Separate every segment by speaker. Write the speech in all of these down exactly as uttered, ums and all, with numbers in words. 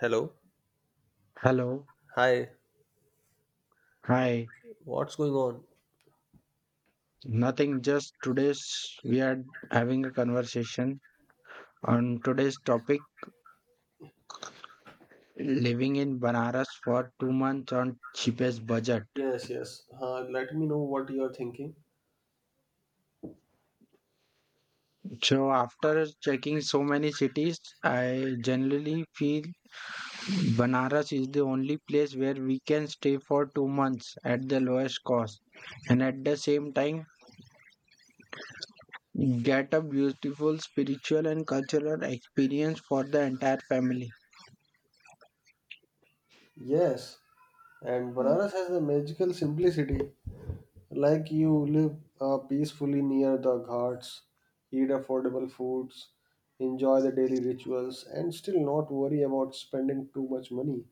Speaker 1: Hello.
Speaker 2: Hello.
Speaker 1: Hi.
Speaker 2: Hi.
Speaker 1: What's going on?
Speaker 2: Nothing, just today's we are having a conversation on today's topic living in Banaras for two months on cheapest budget.
Speaker 1: Yes, yes. Uh, let me know what you are thinking.
Speaker 2: So after checking so many cities, I generally feel Banaras is the only place where we can stay for two months at the lowest cost and at the same time get a beautiful spiritual and cultural experience for the entire family.
Speaker 1: Yes, and Banaras has a magical simplicity. Like you live uh, peacefully near the ghats, eat affordable foods, enjoy the daily rituals, and still not worry about spending too much money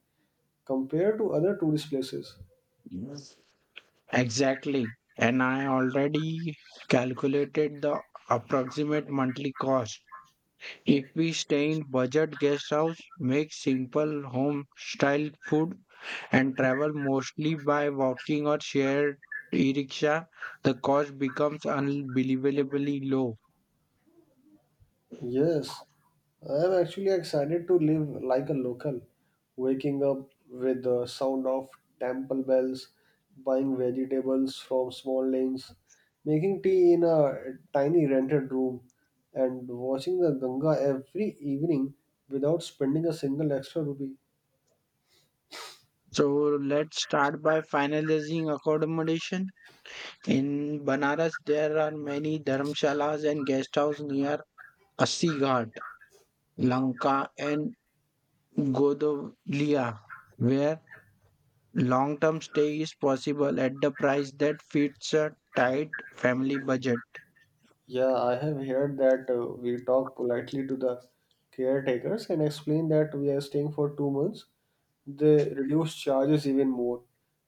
Speaker 1: compared to other tourist places.
Speaker 2: Exactly. And I already calculated the approximate monthly cost. If we stay in budget guest house, make simple home style food and travel mostly by walking or shared e-rickshaw, the cost becomes unbelievably low.
Speaker 1: Yes, I'm actually excited to live like a local, waking up with the sound of temple bells, buying vegetables from small lanes, making tea in a tiny rented room, and watching the Ganga every evening without spending a single extra rupee.
Speaker 2: So let's start by finalizing accommodation. In Banaras, there are many dharmshalas and guest houses near Assi Ghat, Lanka, and Godolia, where long term stay is possible at the price that fits a tight family budget.
Speaker 1: Yeah, I have heard that uh, we talk politely to the caretakers and explain that we are staying for two months. They reduce charges even more,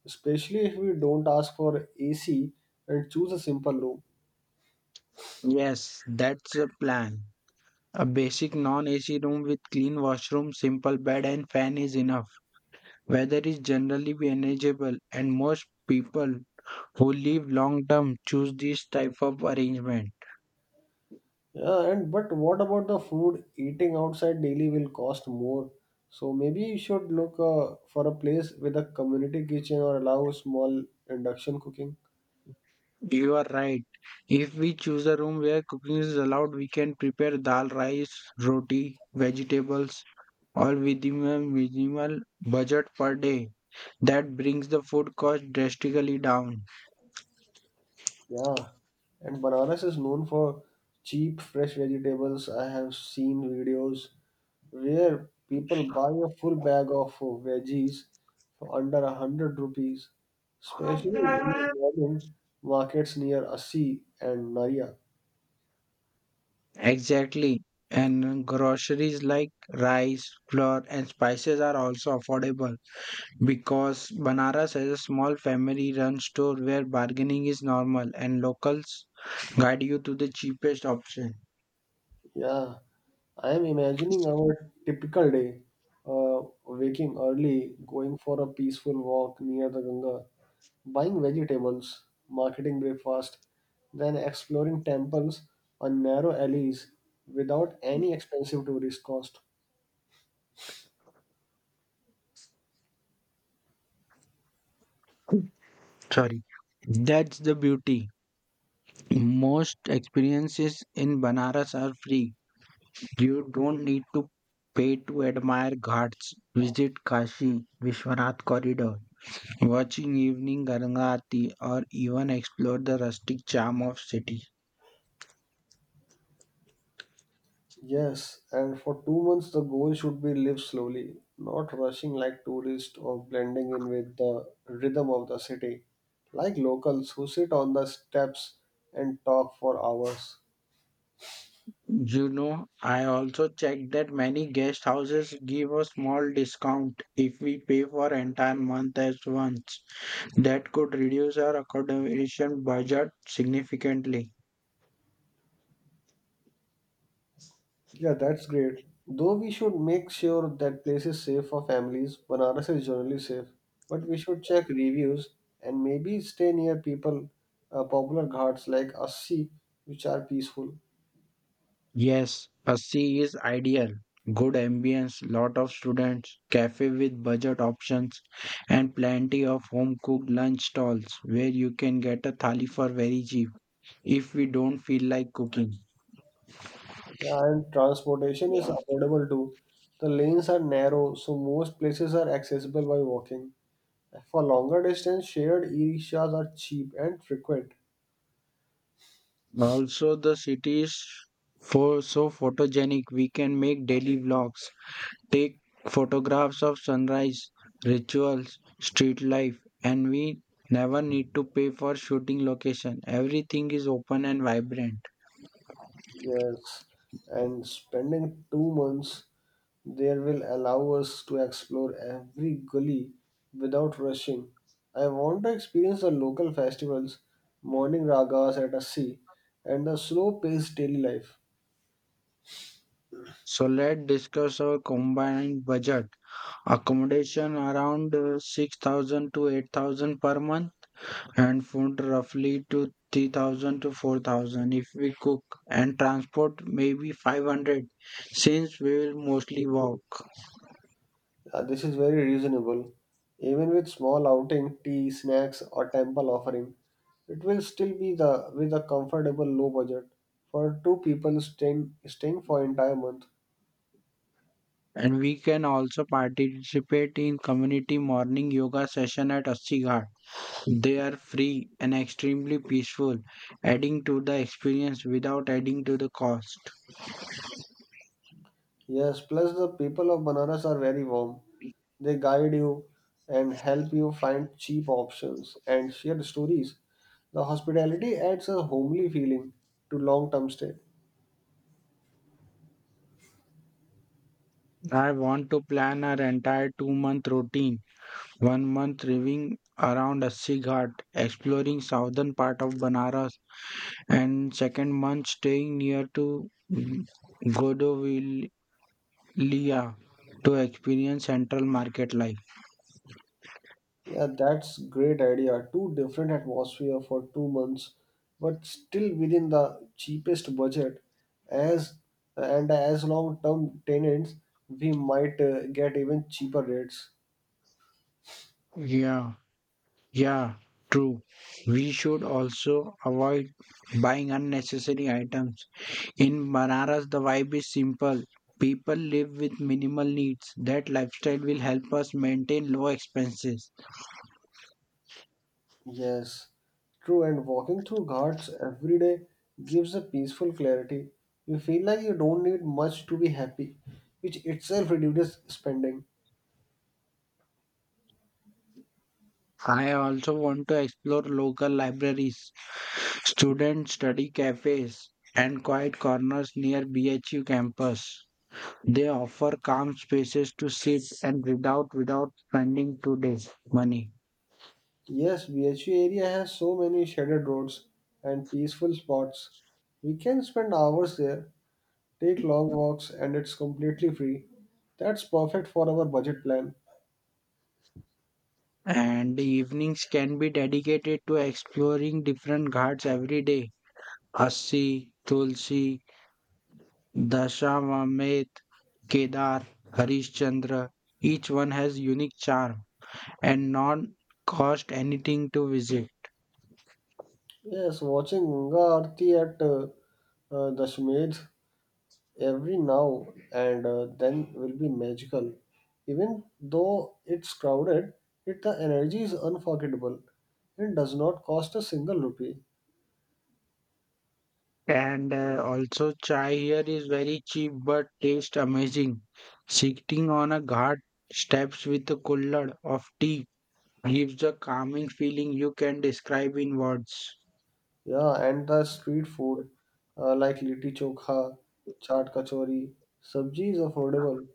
Speaker 1: especially if we don't ask for A C and choose a simple room.
Speaker 2: Yes, that's the plan. A basic non A C room with clean washroom, simple bed, and fan is enough. Weather is generally manageable, and most people who live long term choose this type of arrangement.
Speaker 1: Yeah, and but what about the food? Eating outside daily will cost more. So maybe you should look uh, for a place with a community kitchen or allow small induction cooking.
Speaker 2: You are right. If we choose a room where cooking is allowed, we can prepare dal, rice, roti, vegetables, or within a minimal budget per day. That brings the food cost drastically down.
Speaker 1: Yeah, and Banaras is known for cheap fresh vegetables. I have seen videos where people buy a full bag of uh, veggies for under a hundred rupees, especially in the morning markets near Assi and Naria.
Speaker 2: Exactly. And groceries like rice, flour, and spices are also affordable because Banaras has a small family run store where bargaining is normal and locals guide you to the cheapest option.
Speaker 1: Yeah, I am imagining our typical day, uh, waking early, going for a peaceful walk near the Ganga, buying vegetables, marketing breakfast, then exploring temples on narrow alleys without any expensive tourist cost.
Speaker 2: Sorry. That's the beauty. Most experiences in Banaras are free. You don't need to pay to admire ghats. Visit Kashi Vishwanath Corridor, watching evening Ganga Aarti, or even explore the rustic charm of city.
Speaker 1: Yes, and for two months the goal should be live slowly, not rushing like tourists or blending in with the rhythm of the city, like locals who sit on the steps and talk for hours.
Speaker 2: You know, I also checked that many guest houses give a small discount if we pay for entire month at once. That could reduce our accommodation budget significantly.
Speaker 1: Yeah, that's great. Though we should make sure that place is safe for families, Banaras is generally safe, but we should check reviews and maybe stay near people, uh, popular ghats like Assi, which are peaceful.
Speaker 2: Yes, a C is ideal. Good ambience, lot of students, cafe with budget options, and plenty of home cooked lunch stalls where you can get a thali for very cheap if we don't feel like cooking.
Speaker 1: Yeah, and transportation is
Speaker 2: Yeah.
Speaker 1: affordable too. The lanes are narrow, so most places are accessible by walking. For longer distance, shared e-rickshaws are cheap and frequent.
Speaker 2: Also, the city is for so photogenic we can make daily vlogs, take photographs of sunrise, rituals, street life, and we never need to pay for shooting location. Everything is open and vibrant.
Speaker 1: Yes, and spending two months there will allow us to explore every gully without rushing. I want to experience the local festivals, morning ragas at a sea, and the slow-paced daily life.
Speaker 2: So let's discuss our combined budget. Accommodation around uh, six thousand to eight thousand per month and food roughly to three thousand to four thousand if we cook and transport maybe five hundred since we will mostly walk.
Speaker 1: Uh, this is very reasonable. Even with small outing, tea, snacks, or temple offering, it will still be the with a comfortable low budget for two people staying staying for entire month.
Speaker 2: And we can also participate in community morning yoga session at Assi Ghat. They are free and extremely peaceful, adding to the experience without adding to the cost.
Speaker 1: Yes, plus the people of Banaras are very warm. They guide you and help you find cheap options and share stories. The hospitality adds a homely feeling to long-term stay.
Speaker 2: I want to plan our entire two month routine. One month living around Assi Ghat, exploring southern part of Banaras, and second month staying near to Godovilia to experience central market life.
Speaker 1: Yeah, that's great idea. Two different atmosphere for two months, but still within the cheapest budget. As and as long-term tenants, we might uh, get even cheaper rates.
Speaker 2: Yeah, yeah, true. We should also avoid buying unnecessary items. In Banaras, the vibe is simple. People live with minimal needs. That lifestyle will help us maintain low expenses.
Speaker 1: Yes, true. And walking through Ghats every day gives a peaceful clarity. You feel like you don't need much to be happy, which itself reduces spending.
Speaker 2: I also want to explore local libraries, student study cafes, and quiet corners near B H U campus. They offer calm spaces to sit and read out without spending two days money.
Speaker 1: Yes, B H U area has so many shaded roads and peaceful spots. We can spend hours there, take long walks, and it's completely free. That's perfect for our budget plan.
Speaker 2: And the evenings can be dedicated to exploring different ghats every day. Assi, Tulsi, Dashawamedh, Kedar, Harishchandra, each one has unique charm and non cost anything to visit.
Speaker 1: Yes, watching Ganga Aarti at uh, uh, Dashmed every now and uh, then will be magical. Even though it's crowded, it the energy is unforgettable and does not cost a single rupee.
Speaker 2: And uh, also chai here is very cheap but tastes amazing. Sitting on a ghat steps with a kullad of tea gives a calming feeling you can describe in words.
Speaker 1: Yeah, and the street food uh, like litti chokha, chaat kachori, sabji is affordable.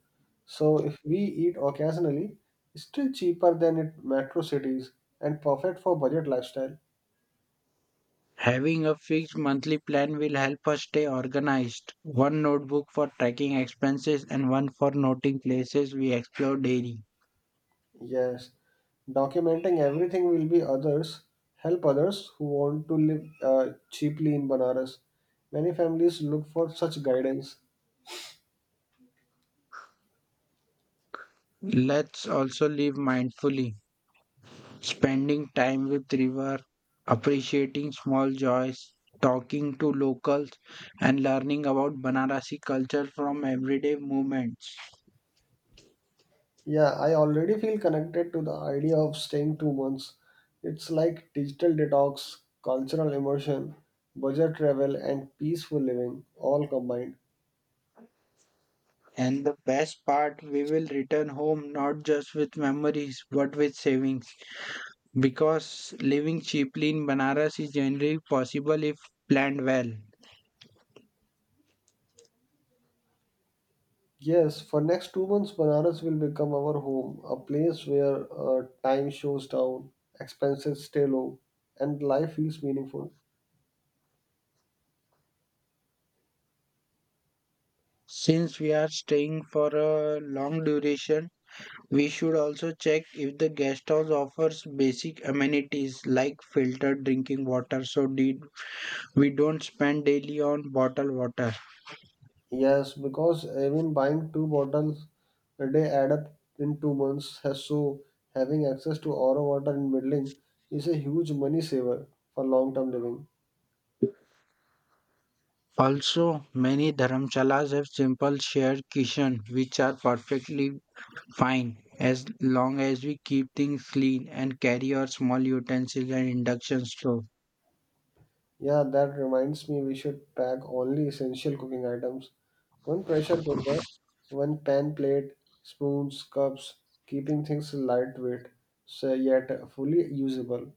Speaker 1: So if we eat occasionally, it's still cheaper than in metro cities and perfect for budget lifestyle.
Speaker 2: Having a fixed monthly plan will help us stay organized. One notebook for tracking expenses and one for noting places we explore daily.
Speaker 1: Yes, documenting everything will be others help others who want to live uh, cheaply in Banaras. Many families look for such guidance.
Speaker 2: Let's also live mindfully, spending time with river, appreciating small joys, talking to locals and learning about Banarasi culture from everyday movements.
Speaker 1: Yeah, I already feel connected to the idea of staying two months. It's like digital detox, cultural immersion, budget travel, and peaceful living all combined.
Speaker 2: And the best part, we will return home not just with memories but with savings because living cheaply in Banaras is generally possible if planned well.
Speaker 1: Yes, for next two months, Banaras will become our home, a place where uh, time shows down, expenses stay low, and life feels meaningful.
Speaker 2: Since we are staying for a long duration, we should also check if the guest house offers basic amenities like filtered drinking water so de- we don't spend daily on bottled water.
Speaker 1: Yes, because even buying two bottles a day add up in two months. Has So having access to our water in building is a huge money saver for long-term living.
Speaker 2: Also, many dharamshalas have simple shared kitchen which are perfectly fine as long as we keep things clean and carry our small utensils and induction stove.
Speaker 1: Yeah, that reminds me we should pack only essential cooking items. One pressure cooker, one pan plate, spoons, cups, keeping things lightweight, so yet fully usable.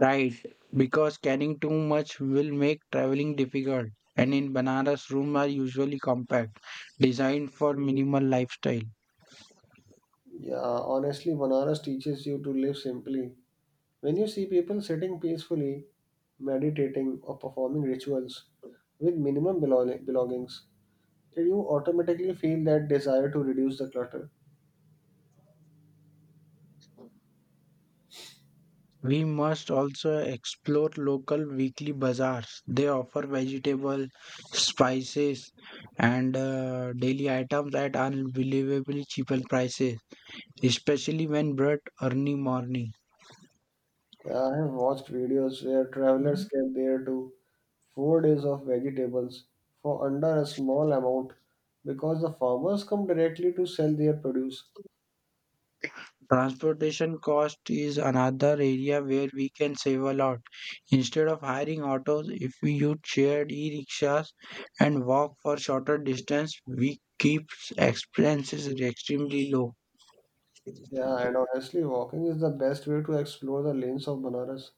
Speaker 2: Right, because carrying too much will make traveling difficult and in Banaras rooms are usually compact, designed for minimal lifestyle.
Speaker 1: Yeah, honestly, Banaras teaches you to live simply. When you see people sitting peacefully, meditating, or performing rituals with minimum belong- belongings, you automatically feel that desire to reduce the clutter.
Speaker 2: We must also explore local weekly bazaars. They offer vegetable, spices, and uh, daily items at unbelievably cheaper prices, especially when brought early morning.
Speaker 1: Yeah, I have watched videos where travelers get there to four days of vegetables for under a small amount because the farmers come directly to sell their produce.
Speaker 2: Transportation cost is another area where we can save a lot. Instead of hiring autos, if we use shared e-rickshaws and walk for shorter distance, we keep expenses extremely low.
Speaker 1: Yeah, and honestly, walking is the best way to explore the lanes of Banaras.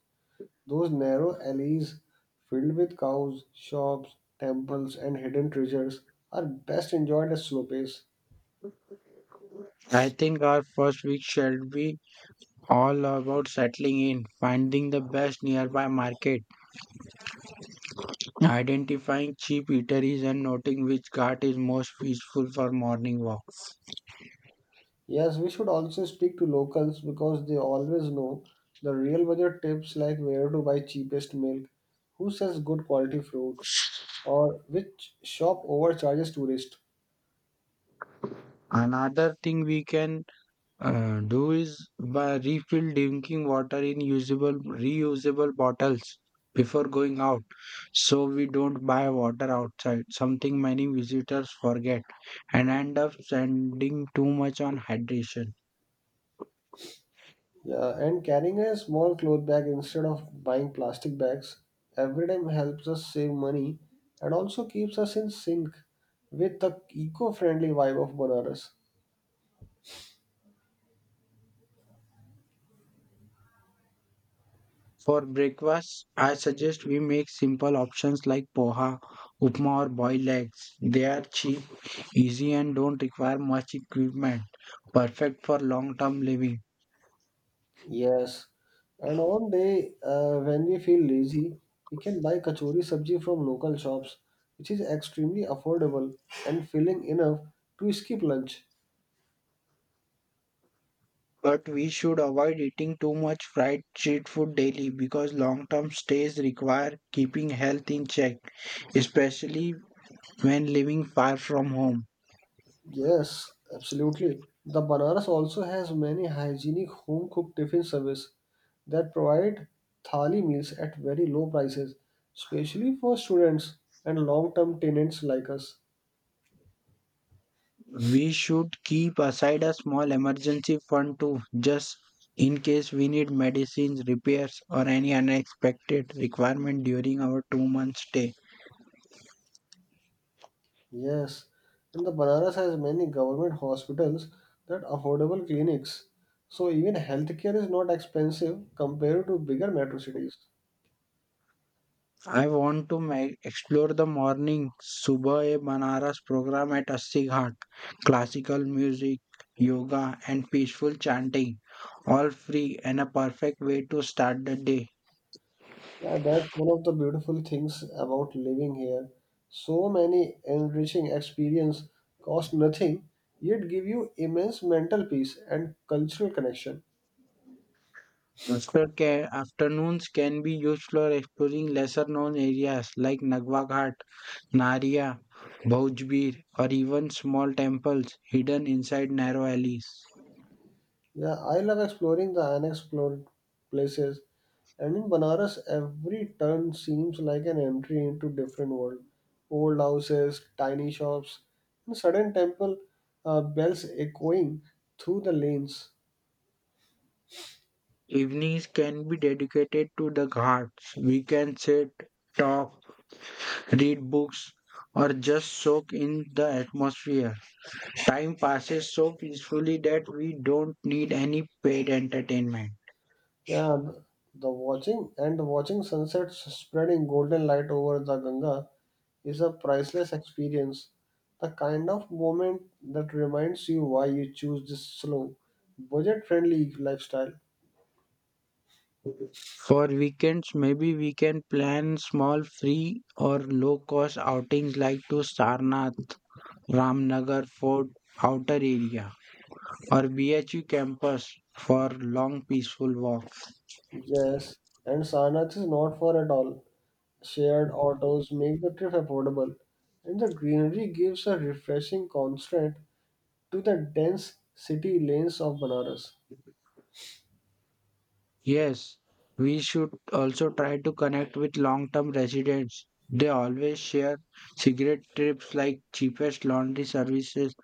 Speaker 1: Those narrow alleys filled with cows, shops, temples, and hidden treasures are best enjoyed at slow pace.
Speaker 2: I think our first week should be all about settling in, finding the best nearby market, identifying cheap eateries, and noting which cart is most peaceful for morning walk.
Speaker 1: Yes, we should also speak to locals because they always know the real budget tips like where to buy cheapest milk, who sells good quality fruits, or which shop overcharges tourists.
Speaker 2: Another thing we can uh, do is by refill drinking water in usable, reusable bottles before going out, so we don't buy water outside. Something many visitors forget and end up spending too much on hydration.
Speaker 1: Yeah, and carrying a small cloth bag instead of buying plastic bags every time helps us save money and also keeps us in sync with the eco-friendly vibe of Banaras.
Speaker 2: For breakfast, I suggest we make simple options like poha, upma, or boiled eggs. They are cheap, easy, and don't require much equipment. Perfect for long term living.
Speaker 1: Yes, and on day uh, when we feel lazy, we can buy kachori sabji from local shops, which is extremely affordable and filling enough to skip lunch.
Speaker 2: But we should avoid eating too much fried street food daily because long term stays require keeping health in check, especially when living far from home.
Speaker 1: Yes, absolutely. The Banaras also has many hygienic home cooked tiffin service that provide thali meals at very low prices, especially for students and long term tenants like us.
Speaker 2: We should keep aside a small emergency fund too, just in case we need medicines, repairs, or any unexpected requirement during our two month stay.
Speaker 1: Yes, and the Banaras has many government hospitals that affordable clinics. So even healthcare is not expensive compared to bigger metro cities.
Speaker 2: I want to ma- explore the morning Subah e Banaras program at Assi Ghat, classical music, yoga, and peaceful chanting, all free and a perfect way to start the day.
Speaker 1: Yeah, that's one of the beautiful things about living here. So many enriching experience cost nothing, yet give you immense mental peace and cultural connection.
Speaker 2: After ca- afternoons can be used for exploring lesser known areas like Nagwa Ghat Narya, Bhojbir, or even small temples hidden inside narrow alleys.
Speaker 1: Yeah, I love exploring the unexplored places, and in Banaras, every turn seems like an entry into different world. Old houses, tiny shops, and sudden temple uh, bells echoing through the lanes.
Speaker 2: Evenings can be dedicated to the ghats. We can sit, talk, read books, or just soak in the atmosphere. Time passes so peacefully that we don't need any paid entertainment.
Speaker 1: Yeah, the the watching and the watching sunsets spreading golden light over the Ganga is a priceless experience. The kind of moment that reminds you why you choose this slow, budget friendly lifestyle.
Speaker 2: For weekends, maybe we can plan small free or low cost outings like to Sarnath, Ramnagar Fort, outer area, or B H U campus for long peaceful walks.
Speaker 1: Yes, and Sarnath is not for at all. Shared autos make the trip affordable, and the greenery gives a refreshing contrast to the dense city lanes of Banaras.
Speaker 2: Yes, we should also try to connect with long term residents. They always share cigarette trips like cheapest laundry services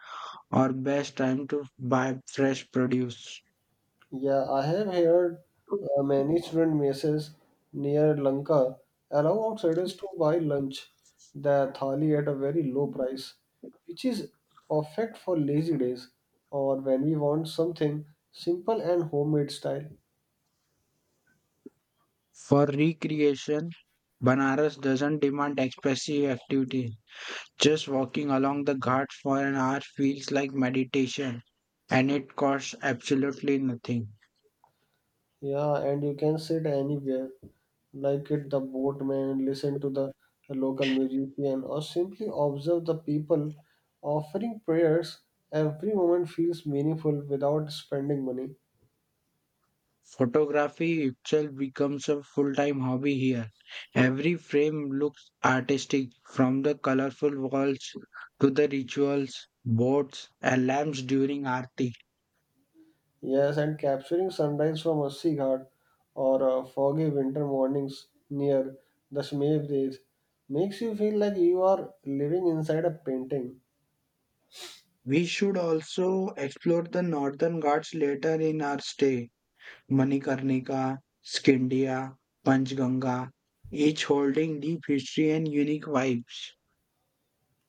Speaker 2: or best time to buy fresh produce.
Speaker 1: Yeah, I have heard uh, many student messes near Lanka allow outsiders to buy lunch, the thali at a very low price, which is perfect for lazy days or when we want something simple and homemade style.
Speaker 2: For recreation, Banaras doesn't demand expensive activity. Just walking along the ghats for an hour feels like meditation and it costs absolutely nothing.
Speaker 1: Yeah, and you can sit anywhere, like at the boatman, listen to the local musician, or simply observe the people offering prayers. Every moment feels meaningful without spending money.
Speaker 2: Photography itself becomes a full-time hobby here. Every frame looks artistic, from the colorful walls to the rituals, boats, and lamps during Aarti.
Speaker 1: Yes, and capturing sunrise from a sea ghat or uh, foggy winter mornings near the Shmev Reef makes you feel like you are living inside a painting.
Speaker 2: We should also explore the northern ghats later in our stay. Manikarnika, Skindia, Panchganga, each holding deep history and unique vibes.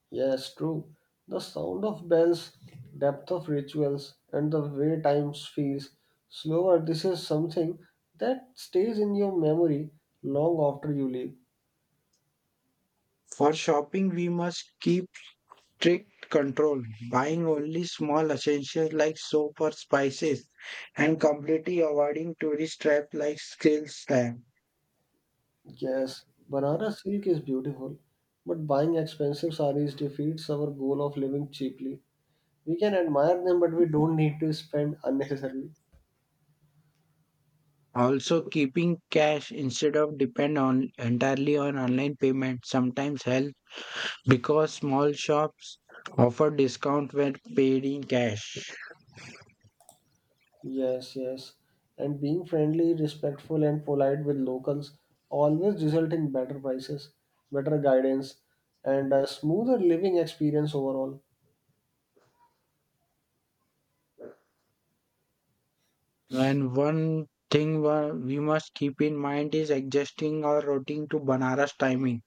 Speaker 1: Yes, true. The sound of bells, depth of rituals, and the way time feels slower. This is something that stays in your memory long after you leave.
Speaker 2: For shopping, we must keep strict control, buying only small essentials like soap or spices, and completely avoiding tourist traps like sales stamp.
Speaker 1: Yes, Banaras silk is beautiful, but buying expensive saris defeats our goal of living cheaply. We can admire them but we don't need to spend unnecessarily.
Speaker 2: Also, keeping cash instead of depend on entirely on online payment sometimes helps because small shops offer discount when paid in cash.
Speaker 1: Yes, yes, and being friendly respectful and polite with locals always result in better prices, better guidance, and a smoother living experience overall.
Speaker 2: And one thing wa- we must keep in mind is adjusting our routine to Banaras timing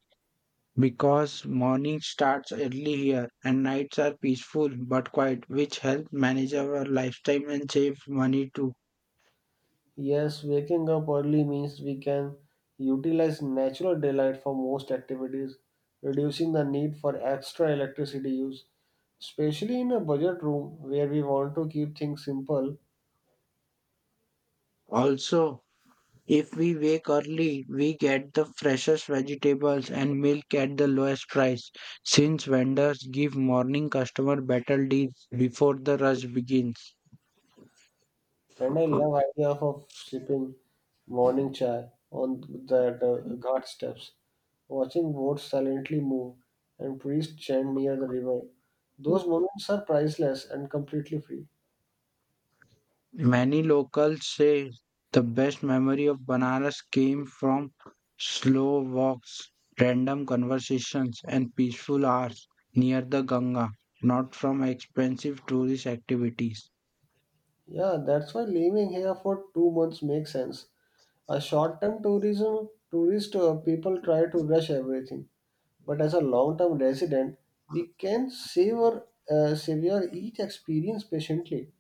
Speaker 2: because morning starts early here and nights are peaceful but quiet, which help manage our lifetime and save money too.
Speaker 1: Yes, waking up early means we can utilize natural daylight for most activities, reducing the need for extra electricity use, especially in a budget room where we want to keep things simple.
Speaker 2: Also, if we wake early, we get the freshest vegetables and milk at the lowest price, since vendors give morning customer better deals before the rush begins.
Speaker 1: And I love idea of, of sipping morning chai on that uh, ghat steps, watching boats silently move and priests chant near the river. Those moments are priceless and completely free.
Speaker 2: Many locals say the best memory of Banaras came from slow walks, random conversations, and peaceful hours near the Ganga, not from expensive tourist activities.
Speaker 1: Yeah, that's why living here for two months makes sense. A short-term tourism tourist uh, people try to rush everything, but as a long-term resident, we can savor uh, savor each experience patiently.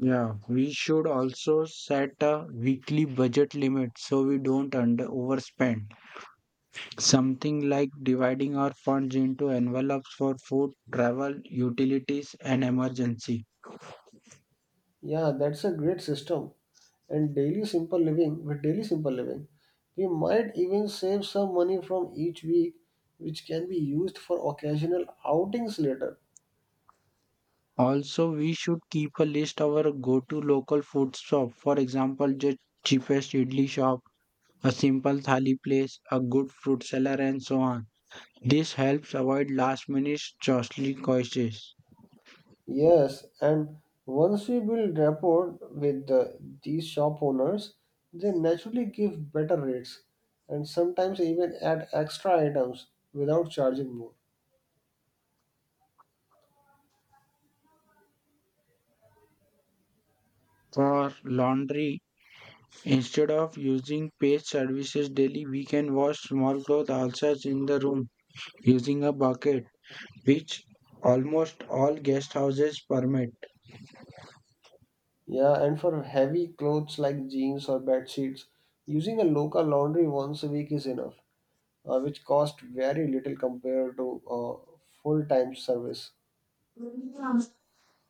Speaker 2: Yeah, we should also set a weekly budget limit so we don't under overspend. Something like dividing our funds into envelopes for food, travel, utilities, and emergency.
Speaker 1: Yeah, that's a great system. And daily simple living, with daily simple living, we might even save some money from each week, which can be used for occasional outings later.
Speaker 2: Also, we should keep a list of our go-to local food shop. For example, the cheapest idli shop, a simple thali place, a good fruit seller, and so on. This helps avoid last-minute costly choices.
Speaker 1: Yes, and once we build rapport with the, these shop owners, they naturally give better rates and sometimes even add extra items without charging more.
Speaker 2: For laundry, instead of using paid services daily, we can wash small clothes ourselves in the room using a bucket, which almost all guest houses permit.
Speaker 1: Yeah, and for heavy clothes like jeans or bed sheets, using a local laundry once a week is enough, uh, which cost very little compared to uh, full-time service.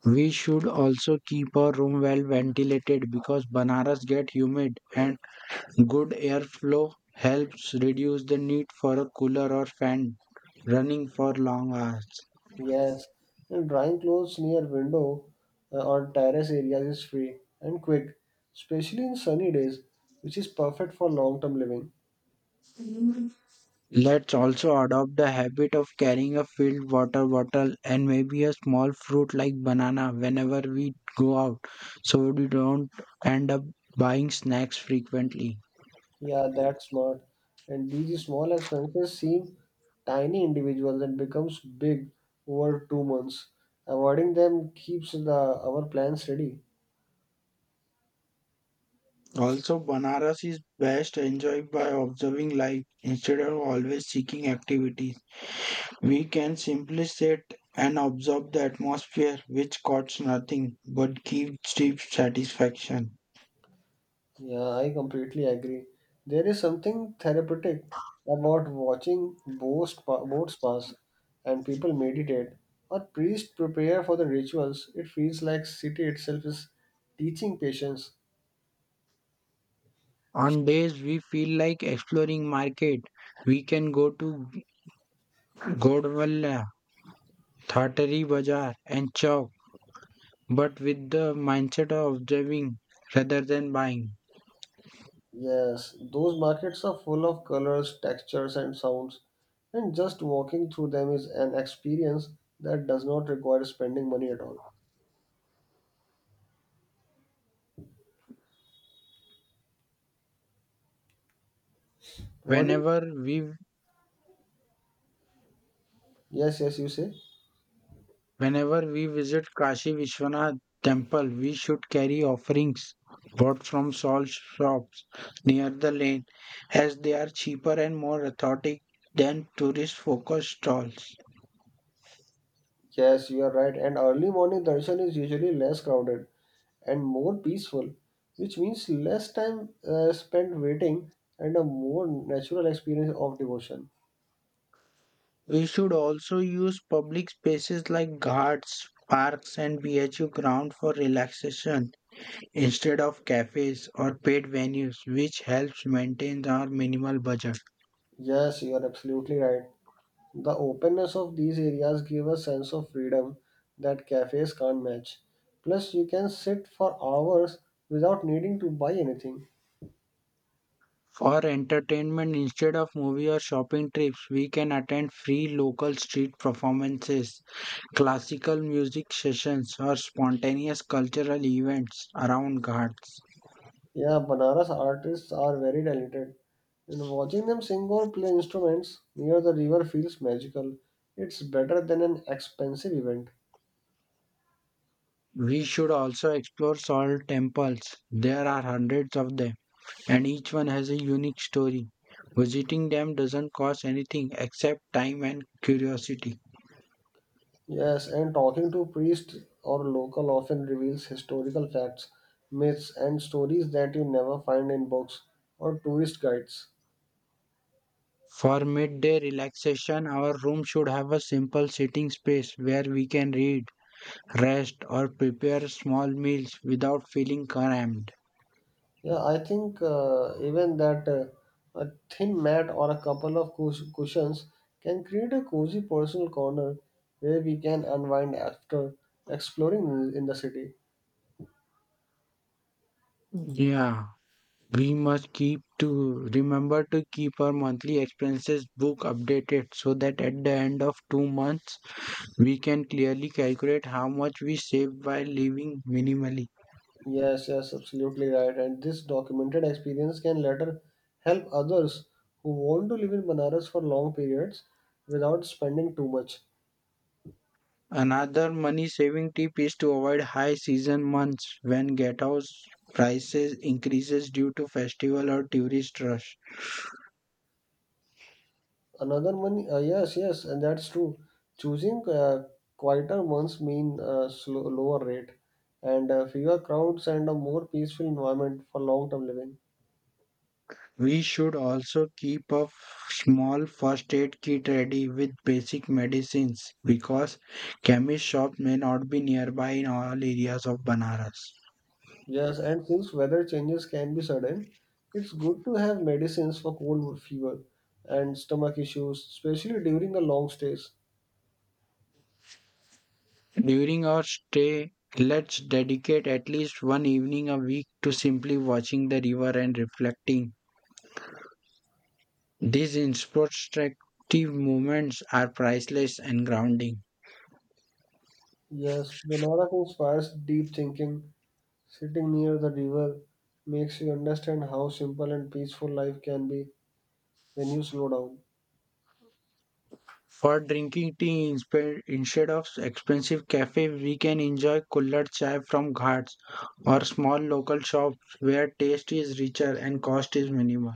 Speaker 2: We should also keep our room well ventilated because Banaras get humid and good airflow helps reduce the need for a cooler or fan running for long hours.
Speaker 1: Yes, and drying clothes near window uh, or terrace areas is free and quick, especially in sunny days, which is perfect for long-term living.
Speaker 2: Let's also adopt the habit of carrying a filled water bottle and maybe a small fruit like banana whenever we go out so we don't end up buying snacks frequently.
Speaker 1: Yeah, that's smart. And these small expenses seem tiny individuals and becomes big over two months. Avoiding them keeps the our plans ready.
Speaker 2: Also, Banaras is best enjoyed by observing life instead of always seeking activities. We can simply sit and observe the atmosphere, which costs nothing but gives deep satisfaction.
Speaker 1: Yeah, I completely agree. There is something therapeutic about watching boats, pa- boats pass and people meditate or priests prepare for the rituals. It feels like city itself is teaching patience.
Speaker 2: On days we feel like exploring market, we can go to Godwalla, Thatari Bazaar and Chowk, but with the mindset of observing rather than buying.
Speaker 1: Yes, those markets are full of colors, textures and sounds and just walking through them is an experience that does not require spending money at all. What? Do
Speaker 2: Whenever we
Speaker 1: Yes, yes, you say.
Speaker 2: Whenever we visit Kashi Vishwanath temple, we should carry offerings bought from stall shops near the lane as they are cheaper and more authentic than tourist focused stalls.
Speaker 1: Yes, you are right. And early morning darshan is usually less crowded and more peaceful, which means less time uh, spent waiting and a more natural experience of devotion.
Speaker 2: We should also use public spaces like ghats, parks, and B H U ground for relaxation instead of cafes or paid venues, which helps maintain our minimal budget.
Speaker 1: Yes, you are absolutely right. The openness of these areas give a sense of freedom that cafes can't match. Plus, you can sit for hours without needing to buy anything.
Speaker 2: For entertainment, instead of movie or shopping trips, we can attend free local street performances, classical music sessions, or spontaneous cultural events around Ghats.
Speaker 1: Yeah, Banaras artists are very talented, and watching them sing or play instruments near the river feels magical. It's better than an expensive event.
Speaker 2: We should also explore Salt temples. There are hundreds of them, and each one has a unique story. Visiting them doesn't cost anything except time and curiosity.
Speaker 1: Yes, and talking to priests or local often reveals historical facts, myths, and stories that you never find in books or tourist guides.
Speaker 2: For midday relaxation, our room should have a simple sitting space where we can read rest, or prepare small meals without feeling cramped.
Speaker 1: Yeah, I think uh, even that uh, a thin mat or a couple of cush- cushions can create a cozy personal corner where we can unwind after exploring in in the city.
Speaker 2: Yeah, we must keep to remember to keep our monthly expenses book updated so that at the end of two months we can clearly calculate how much we saved by living minimally.
Speaker 1: Yes, yes, absolutely right. And this documented experience can later help others who want to live in Banaras for long periods without spending too much.
Speaker 2: Another money saving tip is to avoid high season months when get house prices increases due to festival or tourist rush.
Speaker 1: Another money, uh, yes, yes, and that's true. Choosing uh, quieter ones mean uh, slow, lower rate and uh, fewer crowds and a more peaceful environment for long-term living.
Speaker 2: We should also keep a small first aid kit ready with basic medicines because chemist shop may not be nearby in all areas of Banaras.
Speaker 1: Yes, and since weather changes can be sudden, it's good to have medicines for cold fever and stomach issues, especially during the long stays.
Speaker 2: During our stay, let's dedicate at least one evening a week to simply watching the river and reflecting. These introspective moments are priceless and grounding.
Speaker 1: Yes, Banarak inspires deep thinking. Sitting near the river makes you understand how simple and peaceful life can be when you slow down.
Speaker 2: For drinking tea inspe- instead of expensive cafe, we can enjoy kullad chai from ghats or small local shops where taste is richer and cost is minimal.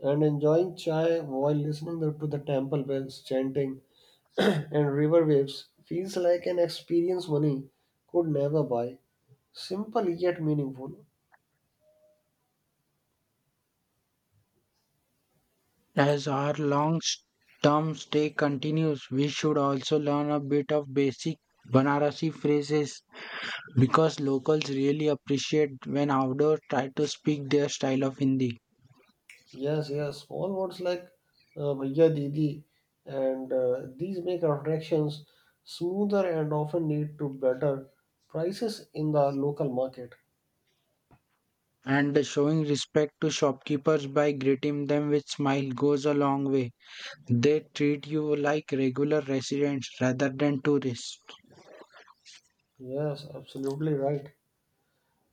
Speaker 1: And enjoying chai while listening to the temple bells chanting and river waves feels like an experience money could never buy. Simple yet meaningful.
Speaker 2: As our long-term stay continues, we should also learn a bit of basic Banarasi phrases because locals really appreciate when outdoors try to speak their style of Hindi.
Speaker 1: Yes, yes. Small words like uh, "Bhaiya Didi" and uh, these make transactions smoother and often lead to better prices in the local market.
Speaker 2: And showing respect to shopkeepers by greeting them with smile goes a long way. They treat you like regular residents rather than tourists.
Speaker 1: Yes, absolutely right.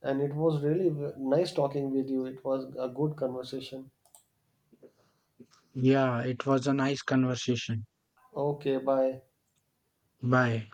Speaker 1: And it was really w- nice talking with you. It was a good conversation.
Speaker 2: Yeah, it was a nice conversation.
Speaker 1: Okay, bye.
Speaker 2: Bye.